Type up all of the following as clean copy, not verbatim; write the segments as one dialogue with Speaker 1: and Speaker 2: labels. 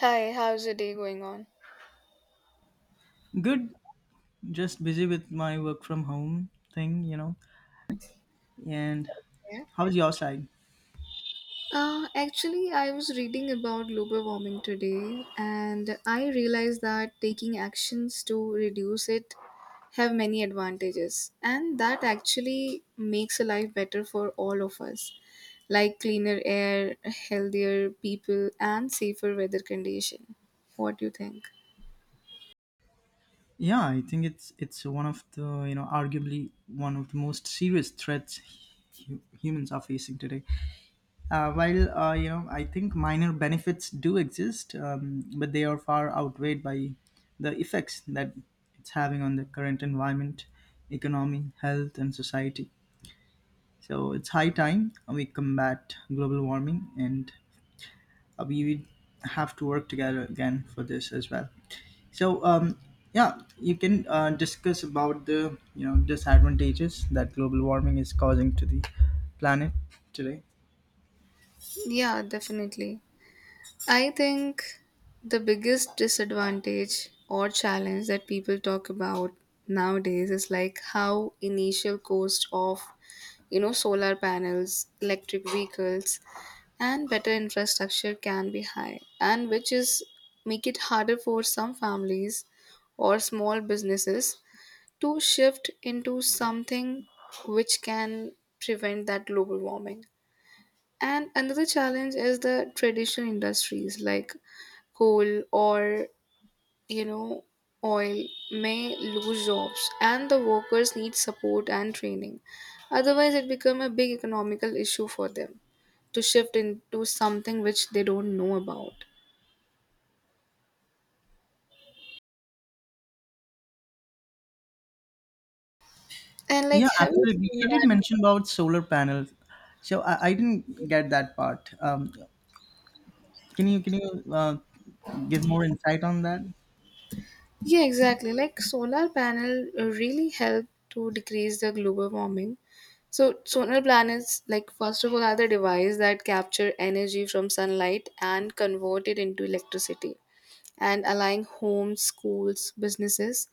Speaker 1: Hi, how's the day going on?
Speaker 2: Good, just busy with my work from home thing, you know. And
Speaker 1: Yeah.
Speaker 2: how's your side?
Speaker 1: Actually, I was reading about global warming today, and I realized that taking actions to reduce it have many advantages, and that actually makes a life better for all of us, like cleaner air, healthier people, and safer weather condition. What do you think?
Speaker 2: Yeah, I think it's one of the arguably one of the most serious threats humans are facing today. While I think minor benefits do exist, but they are far outweighed by the effects that it's having on the current environment, economy, health, and society. So it's high time we combat global warming and we would have to work together again for this as well. So yeah, you can discuss about the disadvantages that global warming is causing to the planet today.
Speaker 1: Yeah, definitely. I think the biggest disadvantage or challenge that people talk about nowadays is like how initial cost of you know solar panels, electric vehicles and better infrastructure can be high and which is make it harder for some families or small businesses to shift into something which can prevent that global warming, and another challenge is the traditional industries like coal or you know oil may lose jobs and the workers need support and training, otherwise it become a big economical issue for them to shift into something which they don't know about. And like
Speaker 2: Yeah,
Speaker 1: have you
Speaker 2: absolutely.
Speaker 1: seen
Speaker 2: You did
Speaker 1: that?
Speaker 2: mention about solar panels, so I didn't get that part. Can you give more insight on that?
Speaker 1: Yeah, exactly. Like solar panel really help to decrease the global warming. So solar planets, like first of all, are the device that capture energy from sunlight and convert it into electricity, and allowing homes, schools, businesses,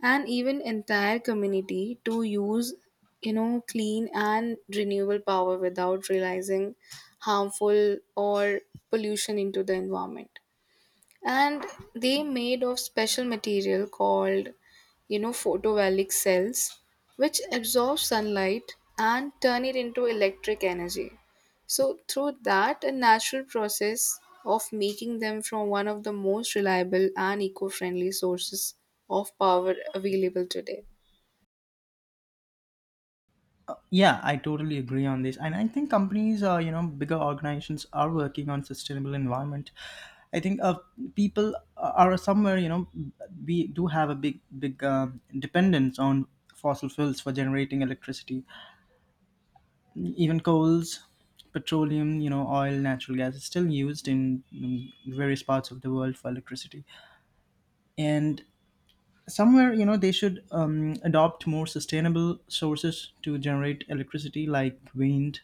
Speaker 1: and even entire community to use, you know, clean and renewable power without realizing harmful or pollution into the environment. And they made of special material called you know photovoltaic cells which absorb sunlight and turn it into electric energy, so through that a natural process of making them from one of the most reliable and eco-friendly sources of power available today.
Speaker 2: Yeah, I totally agree on this, and I think companies, bigger organizations are working on sustainable environment. I think people are somewhere, you know, we do have a big dependence on fossil fuels for generating electricity. Even coals, petroleum, you know, oil, natural gas is still used in various parts of the world for electricity, and somewhere you know they should adopt more sustainable sources to generate electricity like wind,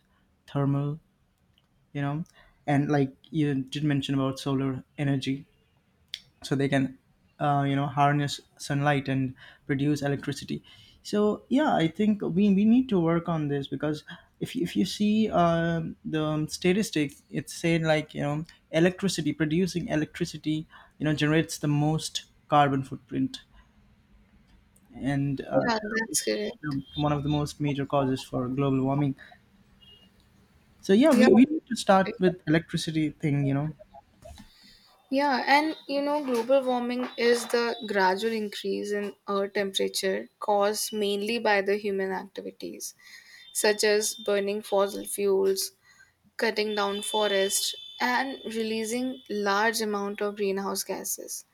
Speaker 2: thermal, you know, and like you did mention about solar energy, so they can you know harness sunlight and produce electricity. So yeah, I think we need to work on this because if you see the statistics, it said like you know electricity producing electricity, you know, generates the most carbon footprint and
Speaker 1: Yeah, that's correct.
Speaker 2: know, one of the most major causes for global warming. So yeah,
Speaker 1: Yeah.
Speaker 2: we need to start with electricity thing, you know.
Speaker 1: Yeah, and you know, global warming is the gradual increase in Earth temperature caused mainly by the human activities, such as burning fossil fuels, cutting down forests, and releasing large amount of greenhouse gases,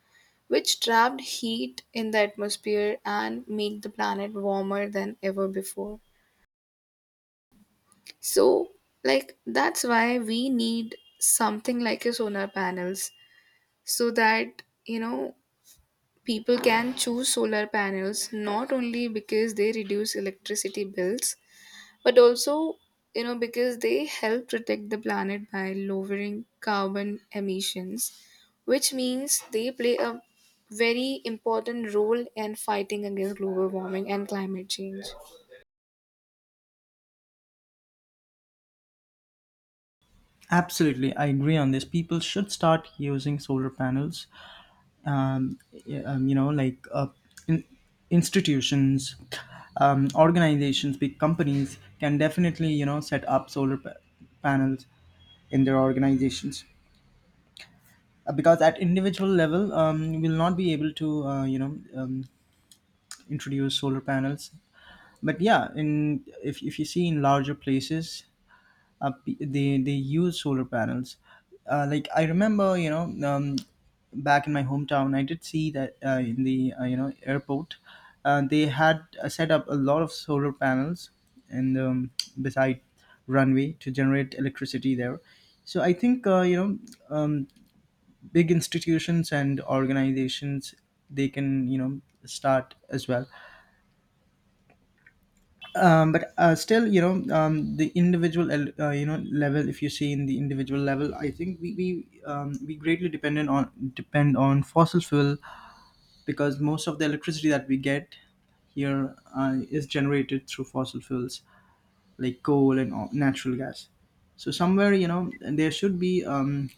Speaker 1: which trapped heat in the atmosphere and make the planet warmer than ever before. So, like that's why we need something like a solar panels so that you know people can choose solar panels not only because they reduce electricity bills, but also you know because they help protect the planet by lowering carbon emissions, which means they play a very important role in fighting against global warming and climate change.
Speaker 2: Absolutely, I agree on this. People should start using solar panels. Um, y- um, you know, like uh, in, institutions, organizations, big companies can definitely you know set up panels in their organizations. Because at individual level we'll not be able to um, introduce solar panels. But yeah, in if you see in larger places, they use solar panels. Like I remember, back in my hometown I did see that in the airport, they had set up a lot of solar panels and beside runway to generate electricity there. So I think um, big institutions and organizations, they can you know start as well. But still you know the individual level, if you see in the individual level, I think we greatly depend on fossil fuel because most of the electricity that we get here is generated through fossil fuels like coal and natural gas. So somewhere you know there should be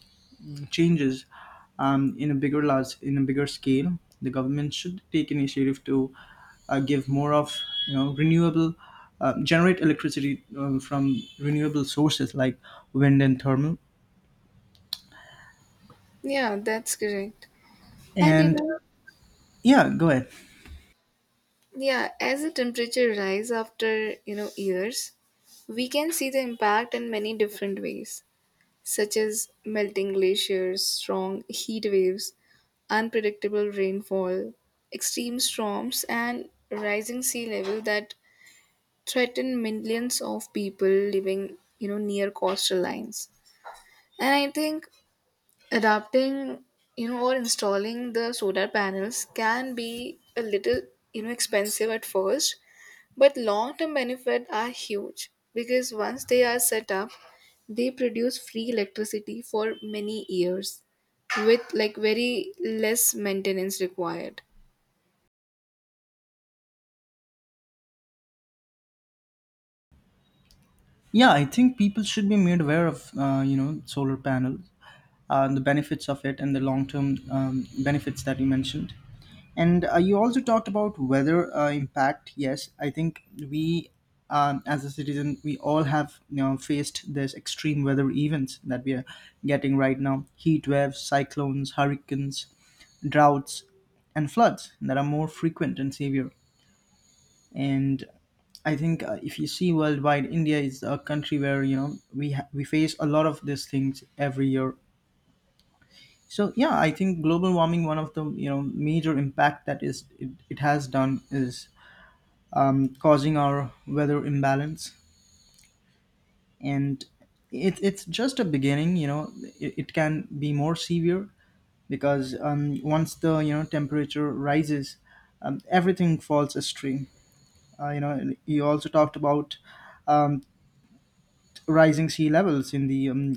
Speaker 2: changes in a bigger scale. The government should take initiative to give more of you know renewable generate electricity from renewable sources like wind and thermal.
Speaker 1: Yeah, that's correct. And you
Speaker 2: And
Speaker 1: know,
Speaker 2: yeah, go ahead.
Speaker 1: yeah, as the temperature rise after, you know, years, we can see the impact in many different ways, such as melting glaciers, strong heat waves, unpredictable rainfall, extreme storms, and rising sea level that threaten millions of people living, you know, near coastal lines. And I think adapting, you know, or installing the solar panels can be a little, you know, expensive at first, but long term benefits are huge because once they are set up, they produce free electricity for many years with like very less maintenance required.
Speaker 2: Yeah, I think people should be made aware of you know solar panels and the benefits of it and the long term benefits that you mentioned. And you also talked about weather impact. Yes, I think we, as a citizen, we all have you know faced this extreme weather events that we are getting right now: heat waves, cyclones, hurricanes, droughts, and floods that are more frequent and severe. And I think if you see worldwide, India is a country where you know we face a lot of these things every year, so yeah I think global warming, one of the you know major impact that it has done, is causing our weather imbalance. And it's just a beginning, you know. It can be more severe because once the you know temperature rises, everything falls astray. You know, and you also talked about um, rising sea levels in the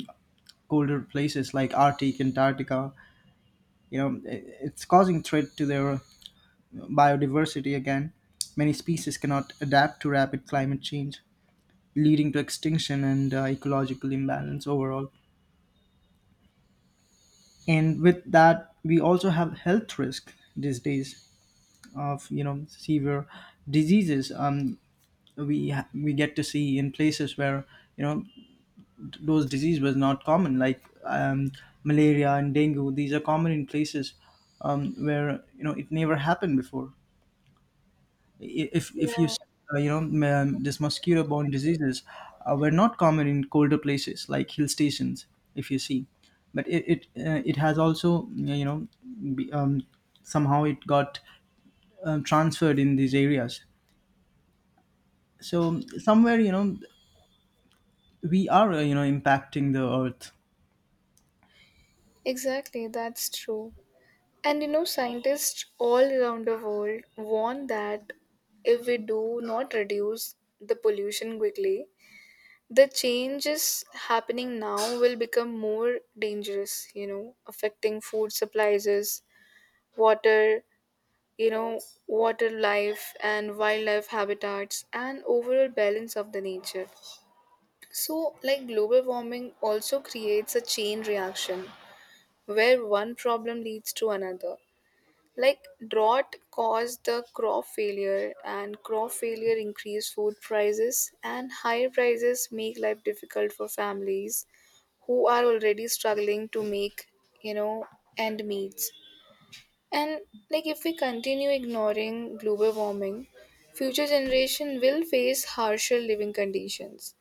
Speaker 2: colder places like Arctic, Antarctica. You know it's causing threat to their biodiversity again. Many species cannot adapt to rapid climate change, leading to extinction and ecological imbalance overall. And with that, we also have health risk these days of you know severe diseases. Um, we get to see in places where you know those disease was not common, like malaria and dengue. These are common in places where you know it never happened before. If you You know this mosquito borne diseases were not common in colder places like hill stations if you see. But it has also you know be- um, somehow it got transferred in these areas. So somewhere you know we are you know impacting the earth.
Speaker 1: Exactly, that's true. And you know, scientists all around the world warn that if we do not reduce the pollution quickly, the changes happening now will become more dangerous, you know, affecting food supplies, water, you know, water life and wildlife habitats and overall balance of the nature. So, like global warming also creates a chain reaction where one problem leads to another. Like drought caused the crop failure, and crop failure increased food prices, and higher prices make life difficult for families who are already struggling to make, you know, end meets. And like if we continue ignoring global warming, future generation will face harsher living conditions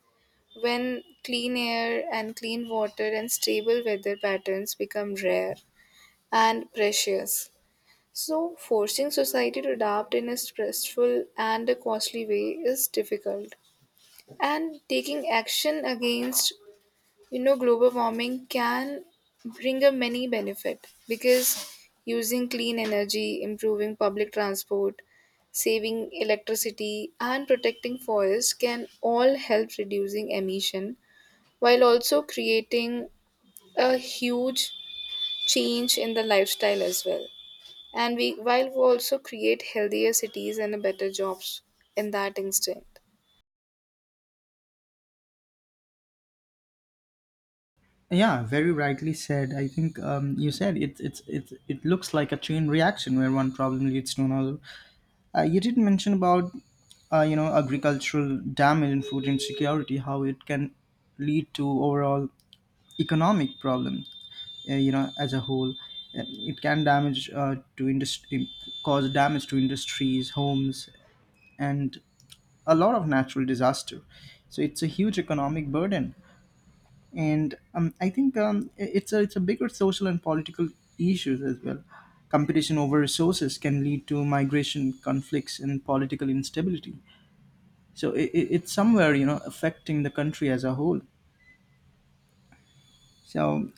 Speaker 1: when clean air and clean water and stable weather patterns become rare and precious. So forcing society to adapt in a stressful and a costly way is difficult. And taking action against you know, global warming can bring a many benefit because using clean energy, improving public transport, saving electricity, and protecting forests can all help reducing emission while also creating a huge change in the lifestyle as well. And we while we also create healthier cities and a better jobs in that instant.
Speaker 2: Yeah, very rightly said. I think you said it, it looks like a chain reaction where one problem leads to another. You did mention about you know agricultural damage and food insecurity, how it can lead to overall economic problem. You know, as a whole, Uh, it can cause damage to industries, homes, and a lot of natural disaster. So it's a huge economic burden, and I think it's a bigger social and political issues as well. Competition over resources can lead to migration, conflicts, and political instability, so it's somewhere you know affecting the country as a whole. So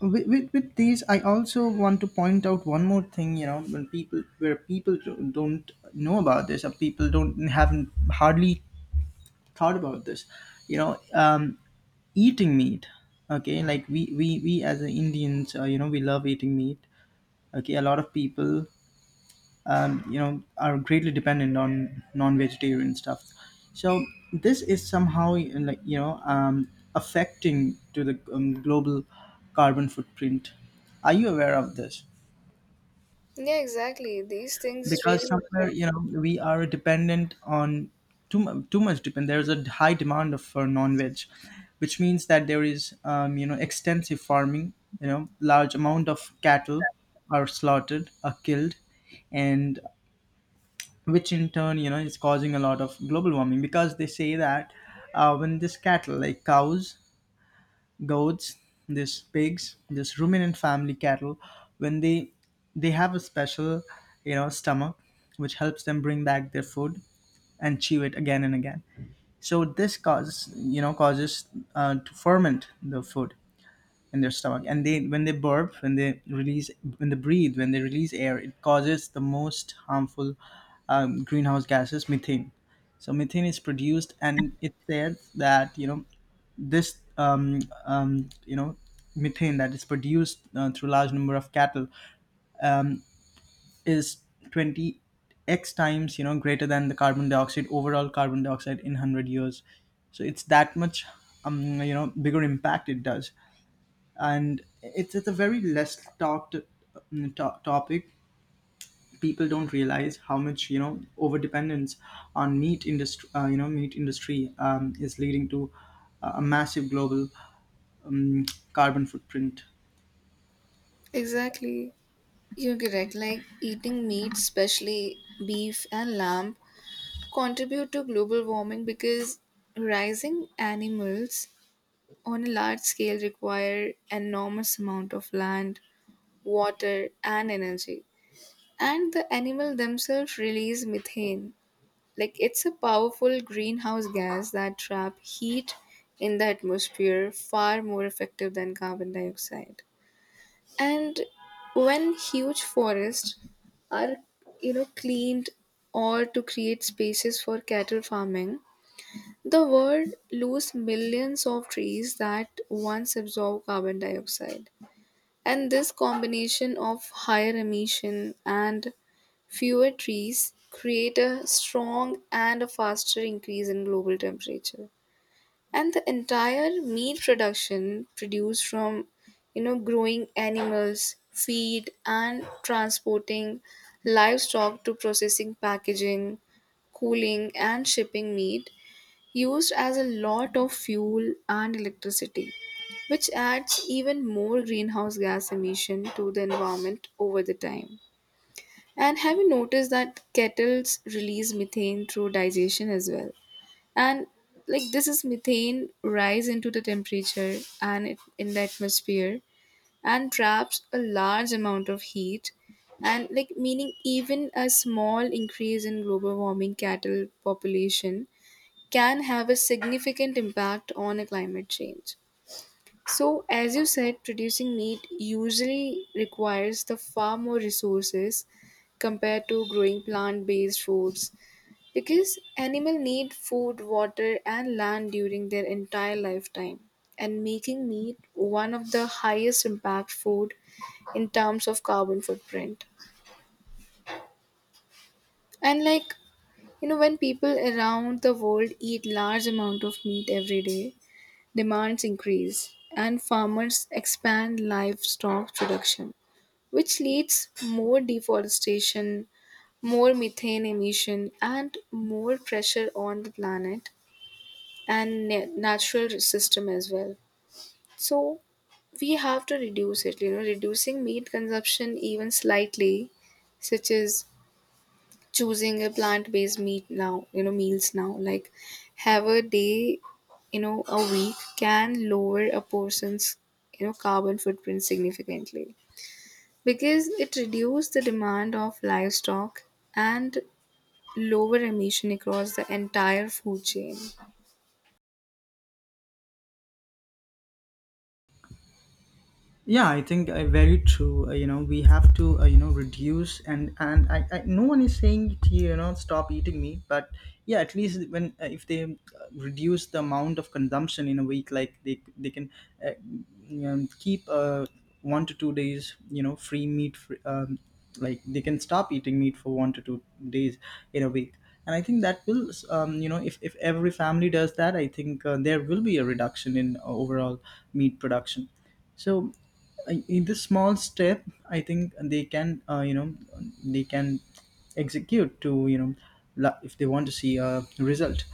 Speaker 2: with these, I also want to point out one more thing, you know, when people where people don't know about this, or people don't haven't hardly thought about this, you know, eating meat. Okay, like we as Indians, you know we love eating meat. Okay, a lot of people, you know, are greatly dependent on non-vegetarian stuff. So this is somehow like you know affecting to the global carbon footprint. Are you aware of this?
Speaker 1: Yeah, exactly. These things really
Speaker 2: Because somewhere
Speaker 1: matter.
Speaker 2: you know we are dependent on too much depend there's a high demand of for non-veg, which means that there is you know extensive farming, you know large amount of cattle are slaughtered, are killed. And which in turn you know is causing a lot of global warming because they say that when this cattle, like cows, goats, this pigs, this ruminant family cattle, when they have a special you know stomach which helps them bring back their food and chew it again and again. So this causes you know causes to ferment the food in their stomach, and they, when they burp, when they release, when they breathe, when they release air, it causes the most harmful greenhouse gases, methane. So methane is produced, and it says that you know this you know methane that is produced through large number of cattle is 20 x times you know greater than the carbon dioxide, overall carbon dioxide in 100 years. So it's that much you know bigger impact it does. And it's a very less talked topic. People don't realize how much you know over dependence on meat industry. You know, meat industry is leading to a massive global um, carbon footprint.
Speaker 1: Exactly. You're correct. Like eating meat, especially beef and lamb, contribute to global warming because rising animals on a large scale require enormous amount of land, water, and energy. And the animal themselves release methane. Like it's a powerful greenhouse gas that trap heat in the atmosphere far more effective than carbon dioxide. And when huge forests are you know cleaned or to create spaces for cattle farming, the world lose millions of trees that once absorb carbon dioxide, and this combination of higher emission and fewer trees create a strong and a faster increase in global temperature. And the entire meat production produced from you know growing animals feed and transporting livestock to processing, packaging, cooling and shipping meat used as a lot of fuel and electricity, which adds even more greenhouse gas emission to the environment over the time. And have you noticed that kettles release methane through digestion as well? And like this is methane rise into the temperature and it, in the atmosphere and traps a large amount of heat. And like meaning even a small increase in global warming cattle population can have a significant impact on a climate change. So as you said, producing meat usually requires the far more resources compared to growing plant based foods, because animals need food, water, and land during their entire lifetime, and making meat one of the highest impact food in terms of carbon footprint. And like you know, when people around the world eat large amount of meat every day, demands increase, and farmers expand livestock production, which leads more deforestation, more methane emission, and more pressure on the planet and natural system as well. So we have to reduce it. You know, reducing meat consumption even slightly, such as choosing a plant-based meat now you know meals now like have a day you know a week can lower a person's you know carbon footprint significantly because it reduces the demand of livestock and lower emission across the entire food chain.
Speaker 2: Yeah, I think very true. You know, we have to you know reduce, I no one is saying to you you know stop eating meat, but yeah, at least when if they reduce the amount of consumption in a week, like they can uh, you know, keep 1 to 2 days you know free meat, free, like they can stop eating meat for 1 to 2 days in a week. And I think that will, you know, if every family does that, I think there will be a reduction in overall meat production. So in this small step, I think they can you know, they can execute to you know, if they want to see a result.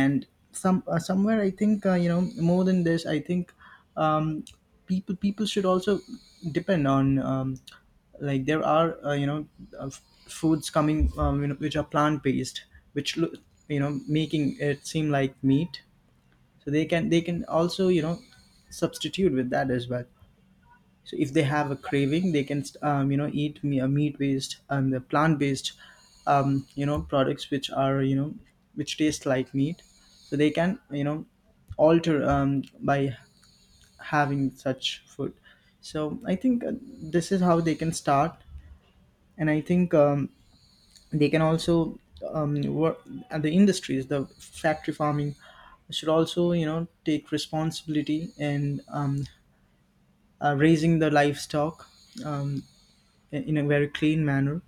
Speaker 2: And some somewhere I think you know, more than this I think, um, people should also depend on like there are you know, uh, f- foods coming you know, which are plant based, which look you know, making it seem like meat. So they can also you know, substitute with that as well. So if they have a craving, they can you know, eat meat based and the plant based you know products which are you know, which taste like meat. So they can you know, alter by having such food. So I think this is how they can start. And I think they can also work. And the industries, the factory farming should also you know take responsibility in raising the livestock um, in a very clean manner.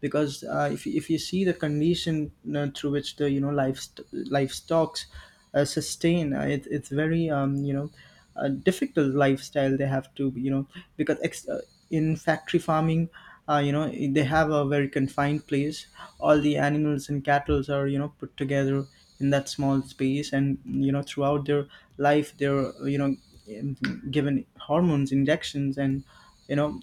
Speaker 2: Because if you see the condition through which the you know livestocks sustain, it's very you know, a difficult lifestyle they have to you know. Because in factory farming, you know, they have a very confined place. All the animals and cattle are you know put together in that small space. And you know throughout their life, they're you know given hormones, injections, and you know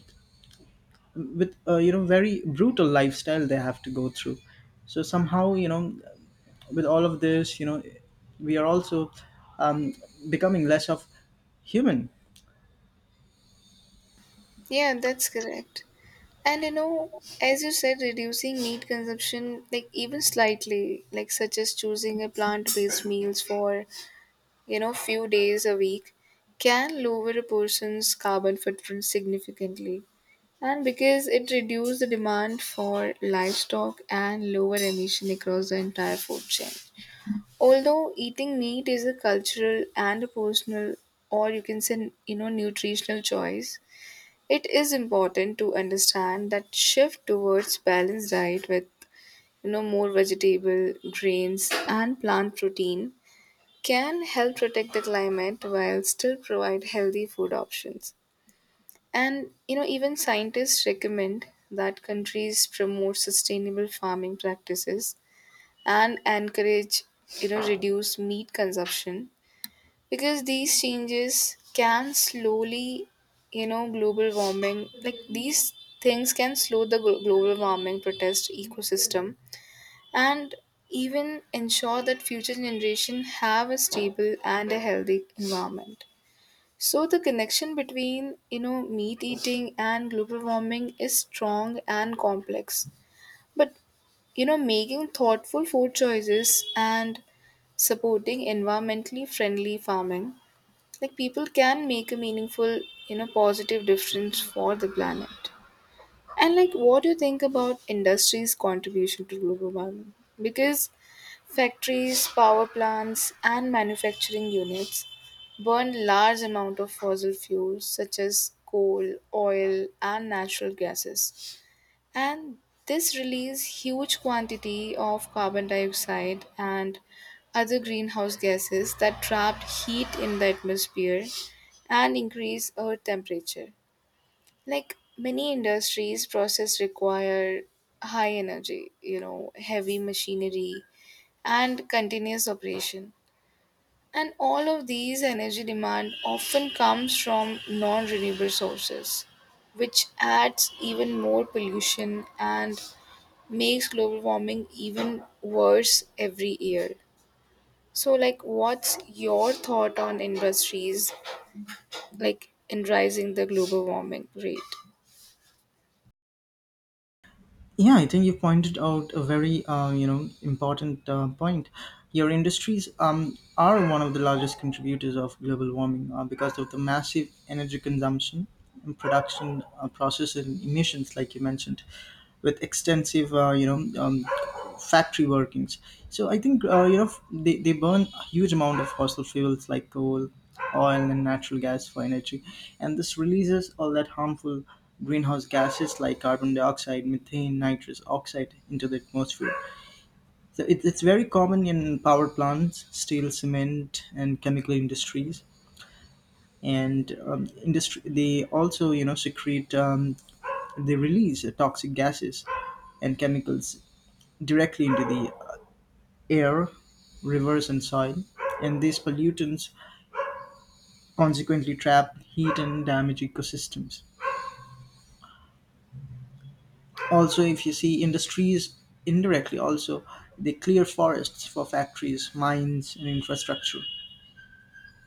Speaker 2: with a you know very brutal lifestyle they have to go through. So somehow you know, with all of this you know, we are also um, becoming less of human.
Speaker 1: Yeah, that's correct. And you know, as you said, reducing meat consumption, like even slightly, like such as choosing a plant based meals for, you know, few days a week, can lower a person's carbon footprint significantly. And because it reduces the demand for livestock and lower emission across the entire food chain. Although eating meat is a cultural and a personal, or you can say, you know, nutritional choice, it is important to understand that shift towards balanced diet with you know more vegetable, grains and plant protein can help protect the climate while still provide healthy food options. And you know even scientists recommend that countries promote sustainable farming practices and encourage you know reduce meat consumption, because these changes can slowly you know global warming like these things can slow the global warming protest ecosystem and even ensure that future generation have a stable and a healthy environment. So the connection between you know meat eating and global warming is strong and complex, but you know making thoughtful food choices and supporting environmentally friendly farming, like people can make a meaningful you know positive difference for the planet. And like what do you think about industry's contribution to global warming, because factories power plants and manufacturing units burn large amount of fossil fuels such as coal oil and natural gases, and this release huge quantity of carbon dioxide and other greenhouse gases that trap heat in the atmosphere and increase earth temperature. Like many industries process require high energy you know heavy machinery and continuous operation, and all of these energy demand often comes from non renewable sources, which adds even more pollution and makes global warming even worse every year. So, like, what's your thought on industries like in rising the global warming rate?
Speaker 2: Yeah, I think you pointed out a very you know important point. Your industries are one of the largest contributors of global warming, because of the massive energy consumption and production process and emissions like you mentioned, with extensive you know factory workings. So I think you know, they burn a huge amount of fossil fuels like coal, oil, and natural gas for energy. And this releases all that harmful greenhouse gases like carbon dioxide, methane, nitrous oxide into the atmosphere. So it's very common in power plants, steel, cement, and chemical industries. And industry, they also you know secrete they release toxic gases and chemicals directly into the air, rivers and soil, and these pollutants consequently trap heat and damage ecosystems. Also, if you see industries indirectly also, they clear forests for factories, mines and infrastructure.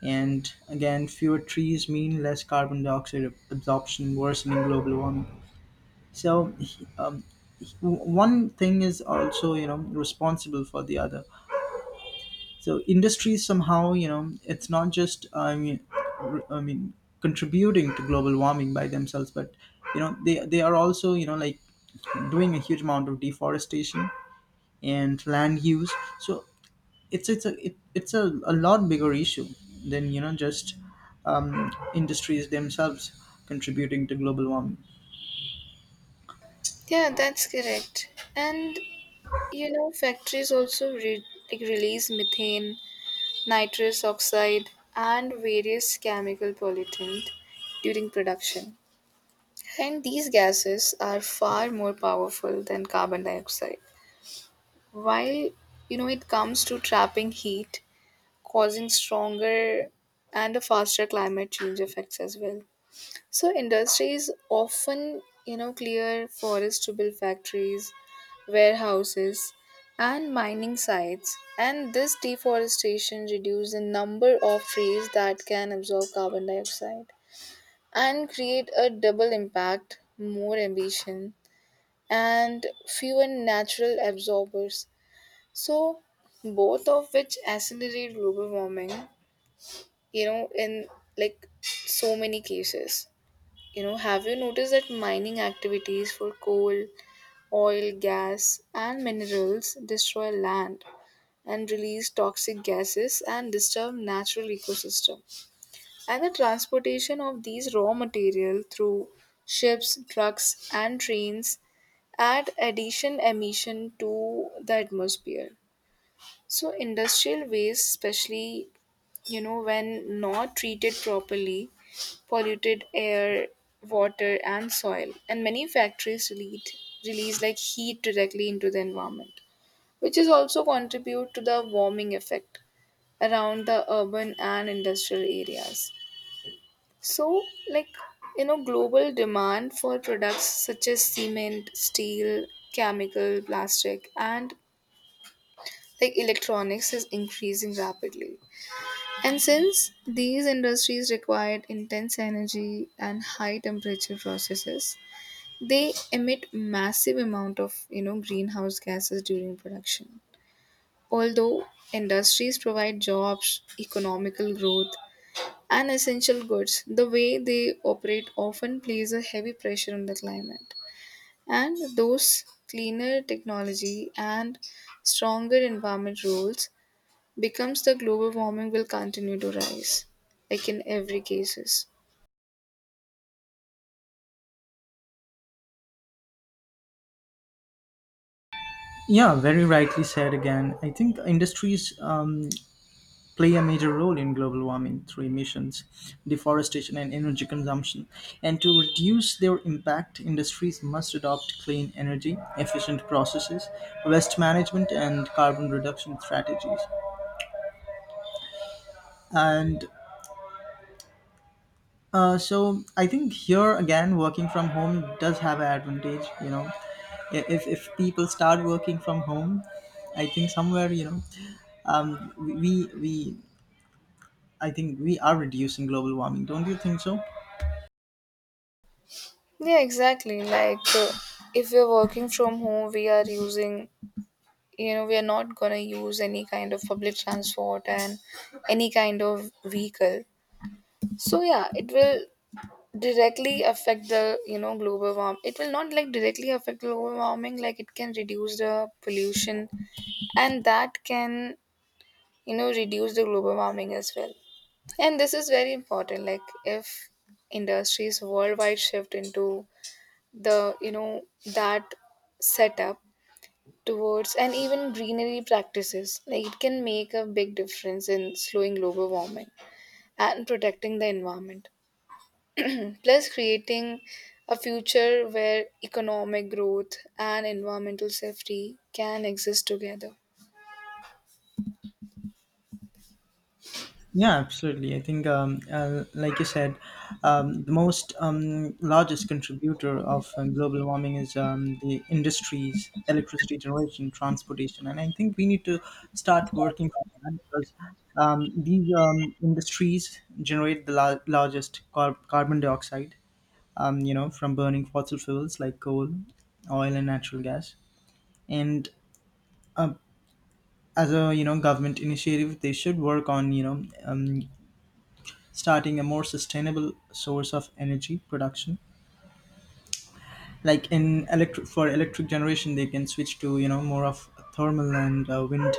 Speaker 2: And again, fewer trees mean less carbon dioxide absorption, worsening global warming. So, um, one thing is also, you know, responsible for the other. So industry somehow you know it's not just I mean, I mean contributing to global warming by themselves, but you know they are also you know like doing a huge amount of deforestation and land use. So it's a lot bigger issue than you know just industries themselves contributing to global warming.
Speaker 1: Yeah, that's correct. And you know, factories also release methane, nitrous oxide, and various chemical pollutant during production. And these gases are far more powerful than carbon dioxide. While you know it comes to trapping heat, causing stronger and a faster climate change effects as well. So industries often, you know, clear forests to build factories, warehouses, and mining sites. And this deforestation reduces the number of trees that can absorb carbon dioxide and create a double impact, more emission, and fewer natural absorbers. So both of which accelerate global warming you know in like so many cases. You know, have you noticed that mining activities for coal, oil, gas and minerals destroy land and release toxic gases and disturb natural ecosystem, and the transportation of these raw material through ships, trucks and trains add addition emission to the atmosphere. So industrial waste, especially you know when not treated properly, polluted air, water, and soil, and many factories release like heat directly into the environment, which is also contribute to the warming effect around the urban and industrial areas. So like you know global demand for products such as cement, steel, chemical, plastic, and like electronics is increasing rapidly. And since these industries required intense energy and high temperature processes, they emit massive amount of, you know, greenhouse gases during production. Although industries provide jobs, economical growth, and essential goods, the way they operate often plays a heavy pressure on the climate. And those cleaner technology and stronger environment rules becomes the global warming will continue to rise like in every cases.
Speaker 2: Yeah, very rightly said. Again, I think industries play a major role in global warming through emissions, deforestation, and energy consumption. And to reduce their impact, industries must adopt clean energy, efficient processes, waste management, and carbon reduction strategies. And so I think here again, working from home does have an advantage, you know. If people start working from home, I think somewhere, you know, um, we, we, I think we are reducing global warming. Don't you think so?
Speaker 1: Yeah, exactly. Like if we're working from home we are using you know we are not going to use any kind of public transport and any kind of vehicle, so yeah it will directly affect the you know global warm it will not like directly affect global warming like it can reduce the pollution and that can you know reduce the global warming as well. And this is very important. Like if industries worldwide shift into the, you know, that setup towards and even greenery practices, like it can make a big difference in slowing global warming and protecting the environment. Plus creating a future where economic growth and environmental safety can exist together.
Speaker 2: Yeah, absolutely. I think, like you said, the most largest contributor of global warming is the industries, electricity generation, transportation, and I think we need to start working on that. Because these industries generate the largest carbon dioxide, you know, from burning fossil fuels like coal, oil, and natural gas. And uh, as a you know government initiative, they should work on you know starting a more sustainable source of energy production. Like in electric, for electric generation, they can switch to you know more of thermal and wind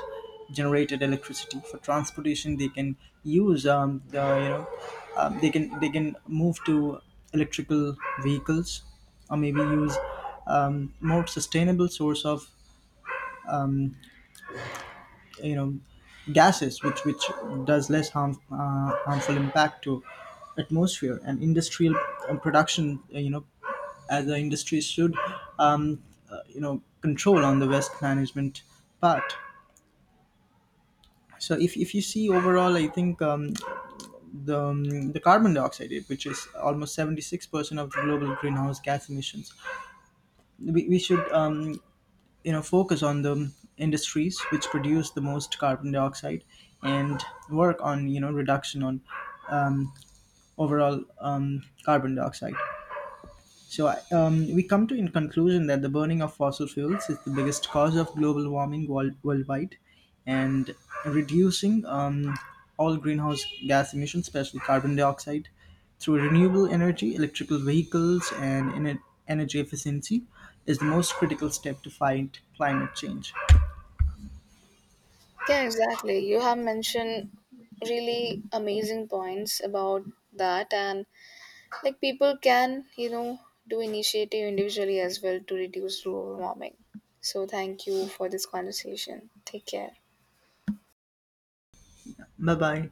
Speaker 2: generated electricity. For transportation, they can use the you know they can move to electrical vehicles, or maybe use more sustainable source of um, you know gases which does less harm, harmful impact to atmosphere. And industrial production, you know, as the industry should um, you know control on the waste management part. So if you see overall, I think the carbon dioxide which is almost 76% of the global greenhouse gas emissions, we should you know focus on the industries which produce the most carbon dioxide and work on you know reduction on um, overall carbon dioxide. So we come to in conclusion that the burning of fossil fuels is the biggest cause of global warming worldwide. And reducing all greenhouse gas emissions, especially carbon dioxide, through renewable energy, electrical vehicles, and energy efficiency is the most critical step to fight climate change.
Speaker 1: Yeah, exactly. You have mentioned really amazing points about that. And like people can, you know, do initiative individually as well to reduce global warming. So thank you for this conversation. Take care.
Speaker 2: Bye bye.